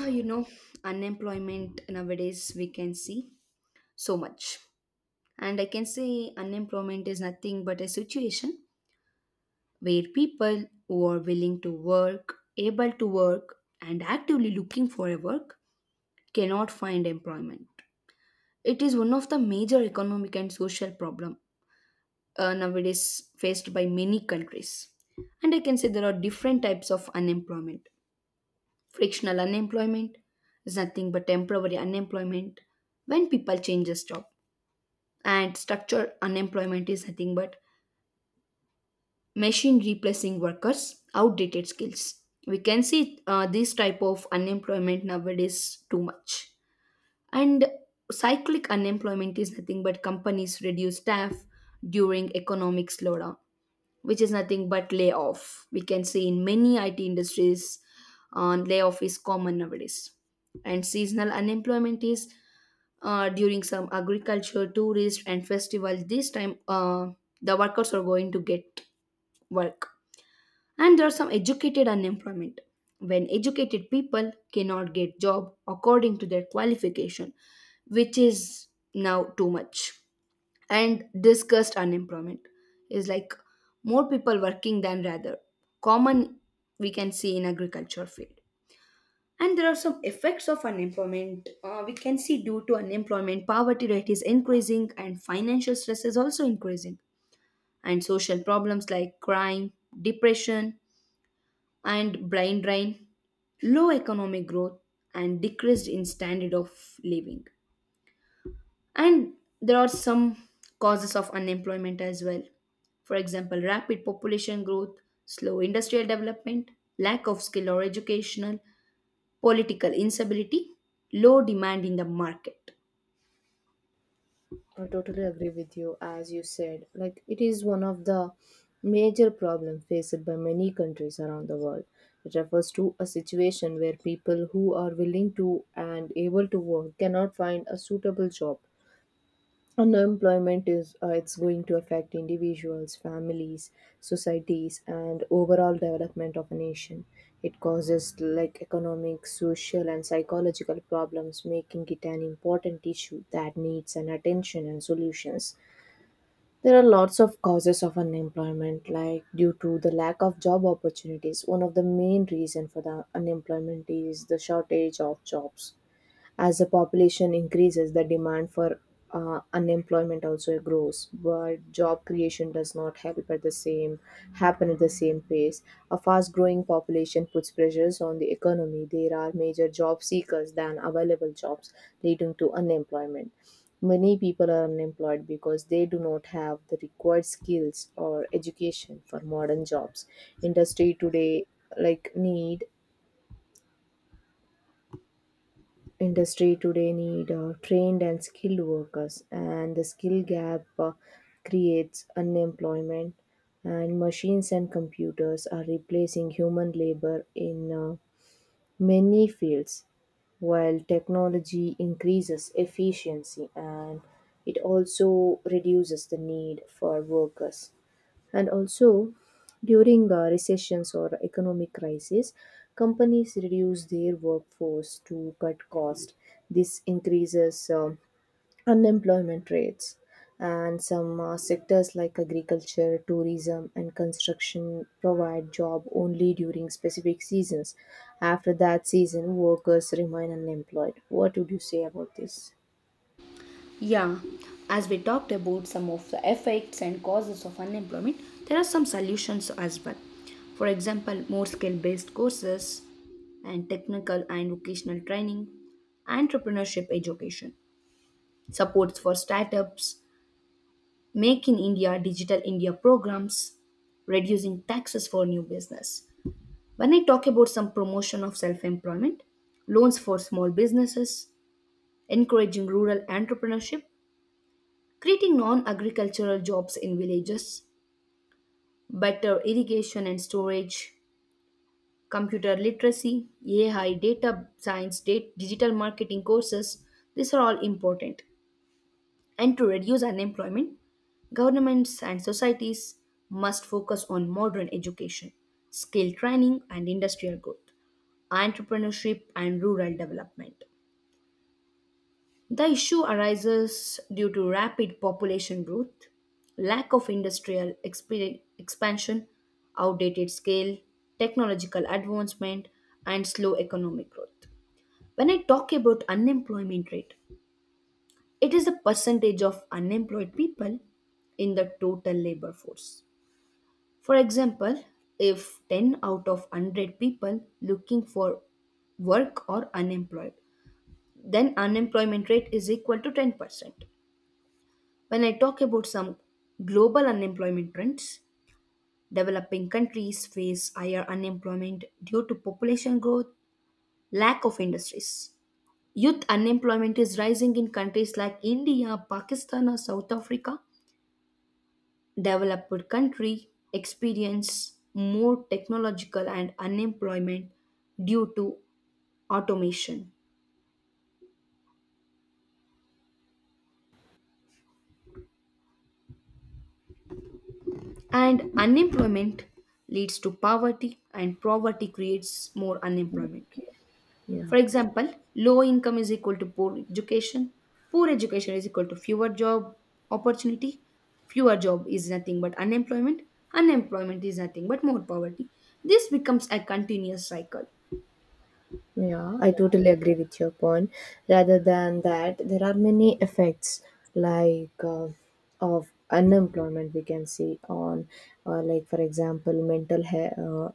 Ah, you know unemployment nowadays we can see so much, and I can say unemployment is nothing but a situation where people who are willing to work, able to work, and actively looking for a work cannot find employment. It is one of the major economic and social problem nowadays faced by many countries. And I can say there are different types of unemployment. Frictional unemployment is nothing but temporary unemployment when people change a job. And structured unemployment is nothing but machine replacing workers, outdated skills. We can see this type of unemployment nowadays too much. And cyclic unemployment is nothing but companies reduce staff during economic slowdown, which is nothing but layoff. We can see in many IT industries, layoff is common nowadays. And seasonal unemployment is during some agriculture, tourist, and festival. This time, the workers are going to get work. And there are some educated unemployment. When educated people cannot get job according to their qualification, which is now too much. And discussed unemployment is like more people working than rather common, we can see in agriculture field. And there are some effects of unemployment. We can see, due to unemployment, poverty rate is increasing and financial stress is also increasing, and social problems like crime, depression, and brain drain, low economic growth, and decreased in standard of living. And there are some causes of unemployment as well. For example, rapid population growth, slow industrial development, lack of skill or educational, political instability, low demand in the market. I totally agree with you. As you said, like, it is one of the major problems faced by many countries around the world. It refers to a situation where people who are willing to and able to work cannot find a suitable job. Unemployment is it's going to affect individuals, families, societies, and overall development of a nation. It causes like economic, social, and psychological problems, making it an important issue that needs an attention and solutions. There are lots of causes of unemployment, like due to the lack of job opportunities. One of the main reason for the unemployment is the shortage of jobs as the population increases. The demand for unemployment also grows, but job creation does not help at the same happen at the same pace. A fast-growing population puts pressures on the economy. There are major job seekers than available jobs, leading to unemployment. Many people are unemployed because they do not have the required skills or education for modern jobs. Industry today like need Industry today need trained and skilled workers, and the skill gap creates unemployment. And machines and computers are replacing human labor in many fields, while technology increases efficiency and it also reduces the need for workers. And also, during recessions or economic crisis, companies reduce their workforce to cut cost. This increases unemployment rates. And some sectors like agriculture, tourism, and construction provide job only during specific seasons. After that season, workers remain unemployed. What would you say about this? Yeah, as we talked about some of the effects and causes of unemployment, there are some solutions as well. For example, more skill based courses and technical and vocational training, entrepreneurship education, supports for startups, Make in India, Digital India programs, reducing taxes for new business. When I talk about some promotion of self employment, loans for small businesses, encouraging rural entrepreneurship, creating non agricultural jobs in villages, better irrigation and storage, computer literacy, AI, data science, data, digital marketing courses, these are all important. And to reduce unemployment, governments and societies must focus on modern education, skill training, and industrial growth, entrepreneurship, and rural development. The issue arises due to rapid population growth, lack of industrial expansion, outdated scale, technological advancement, and slow economic growth. When I talk about unemployment rate, it is the percentage of unemployed people in the total labor force. For example, if 10 out of 100 people looking for work are unemployed, then unemployment rate is equal to 10%. When I talk about some global unemployment trends, developing countries face higher unemployment due to population growth, lack of industries. Youth unemployment is rising in countries like India, Pakistan, or South Africa. Developed country experience more technological and unemployment due to automation. And unemployment leads to poverty, and poverty creates more unemployment. Yeah. For example, low income is equal to poor education, poor education is equal to fewer job opportunity, fewer job is nothing but unemployment, unemployment is nothing but more poverty. This becomes a continuous cycle. Yeah, I totally agree with your point. Rather than that, there are many effects like of unemployment we can see on, like for example,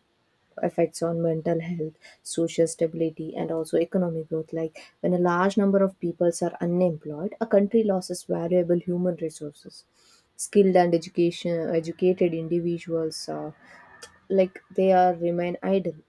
effects on mental health, social stability, and also economic growth. Like when a large number of peoples are unemployed, a country loses valuable human resources. Skilled and education educated individuals. Like they are remain idle,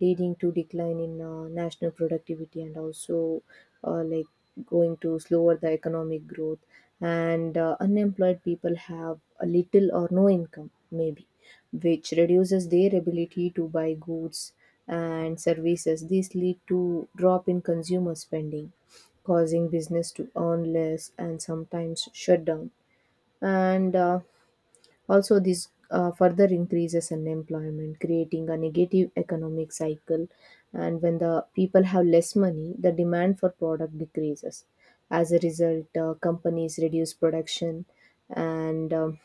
leading to decline in national productivity, and also uh, like going to slower the economic growth. And unemployed people have a little or no income maybe, which reduces their ability to buy goods and services. This lead to drop in consumer spending, causing business to earn less and sometimes shut down. And also, this further increases unemployment, creating a negative economic cycle. And when the people have less money, the demand for product decreases. As a result, companies reduce production and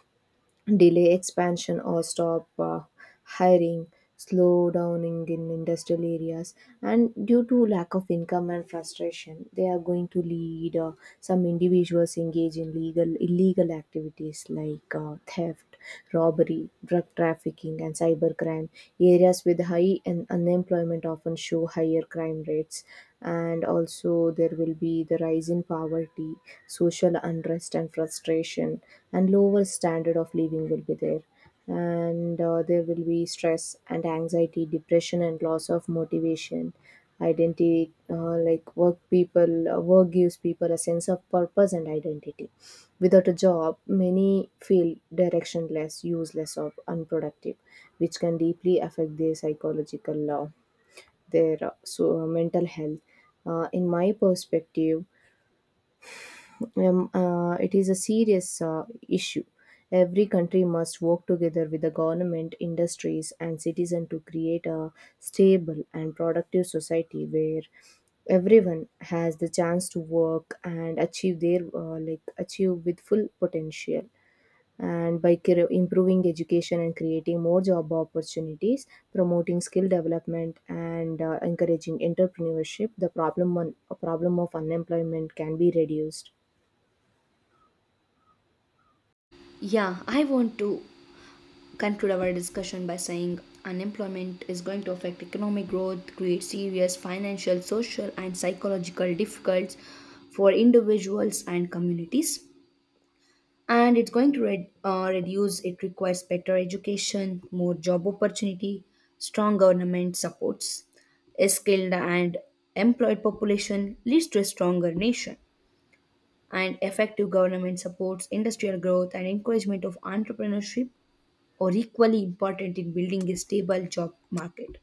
delay expansion or stop hiring, slow down in industrial areas. And due to lack of income and frustration, they are going to lead some individuals engage in legal illegal activities like theft, robbery, drug trafficking, and cybercrime. Areas with unemployment often show higher crime rates, and also there will be the rise in poverty, social unrest, and frustration, and lower standard of living will be there. And there will be stress and anxiety, depression, and loss of motivation, identity. Work gives people a sense of purpose and identity. Without a job, many feel directionless, useless, or unproductive, which can deeply affect their mental health. In my perspective, it is a serious issue. Every country must work together with the government, industries, and citizens to create a stable and productive society where everyone has the chance to work and achieve their achieve with full potential. And by improving education and creating more job opportunities, promoting skill development, and encouraging entrepreneurship, problem of unemployment can be reduced. Yeah, I want to conclude our discussion by saying unemployment is going to affect economic growth, create serious financial, social, and psychological difficulties for individuals and communities. And it's going to reduce, it requires better education, more job opportunity, strong government supports. A skilled and employed population leads to a stronger nation. And effective government supports industrial growth and encouragement of entrepreneurship or equally important in building a stable job market.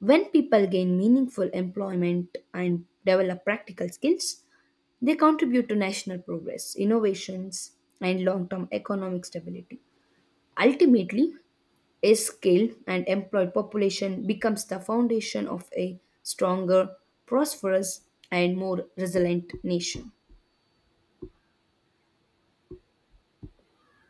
When people gain meaningful employment and develop practical skills, they contribute to national progress, innovations, and long term economic stability. Ultimately, a skilled and employed population becomes the foundation of a stronger, prosperous, and more resilient nation.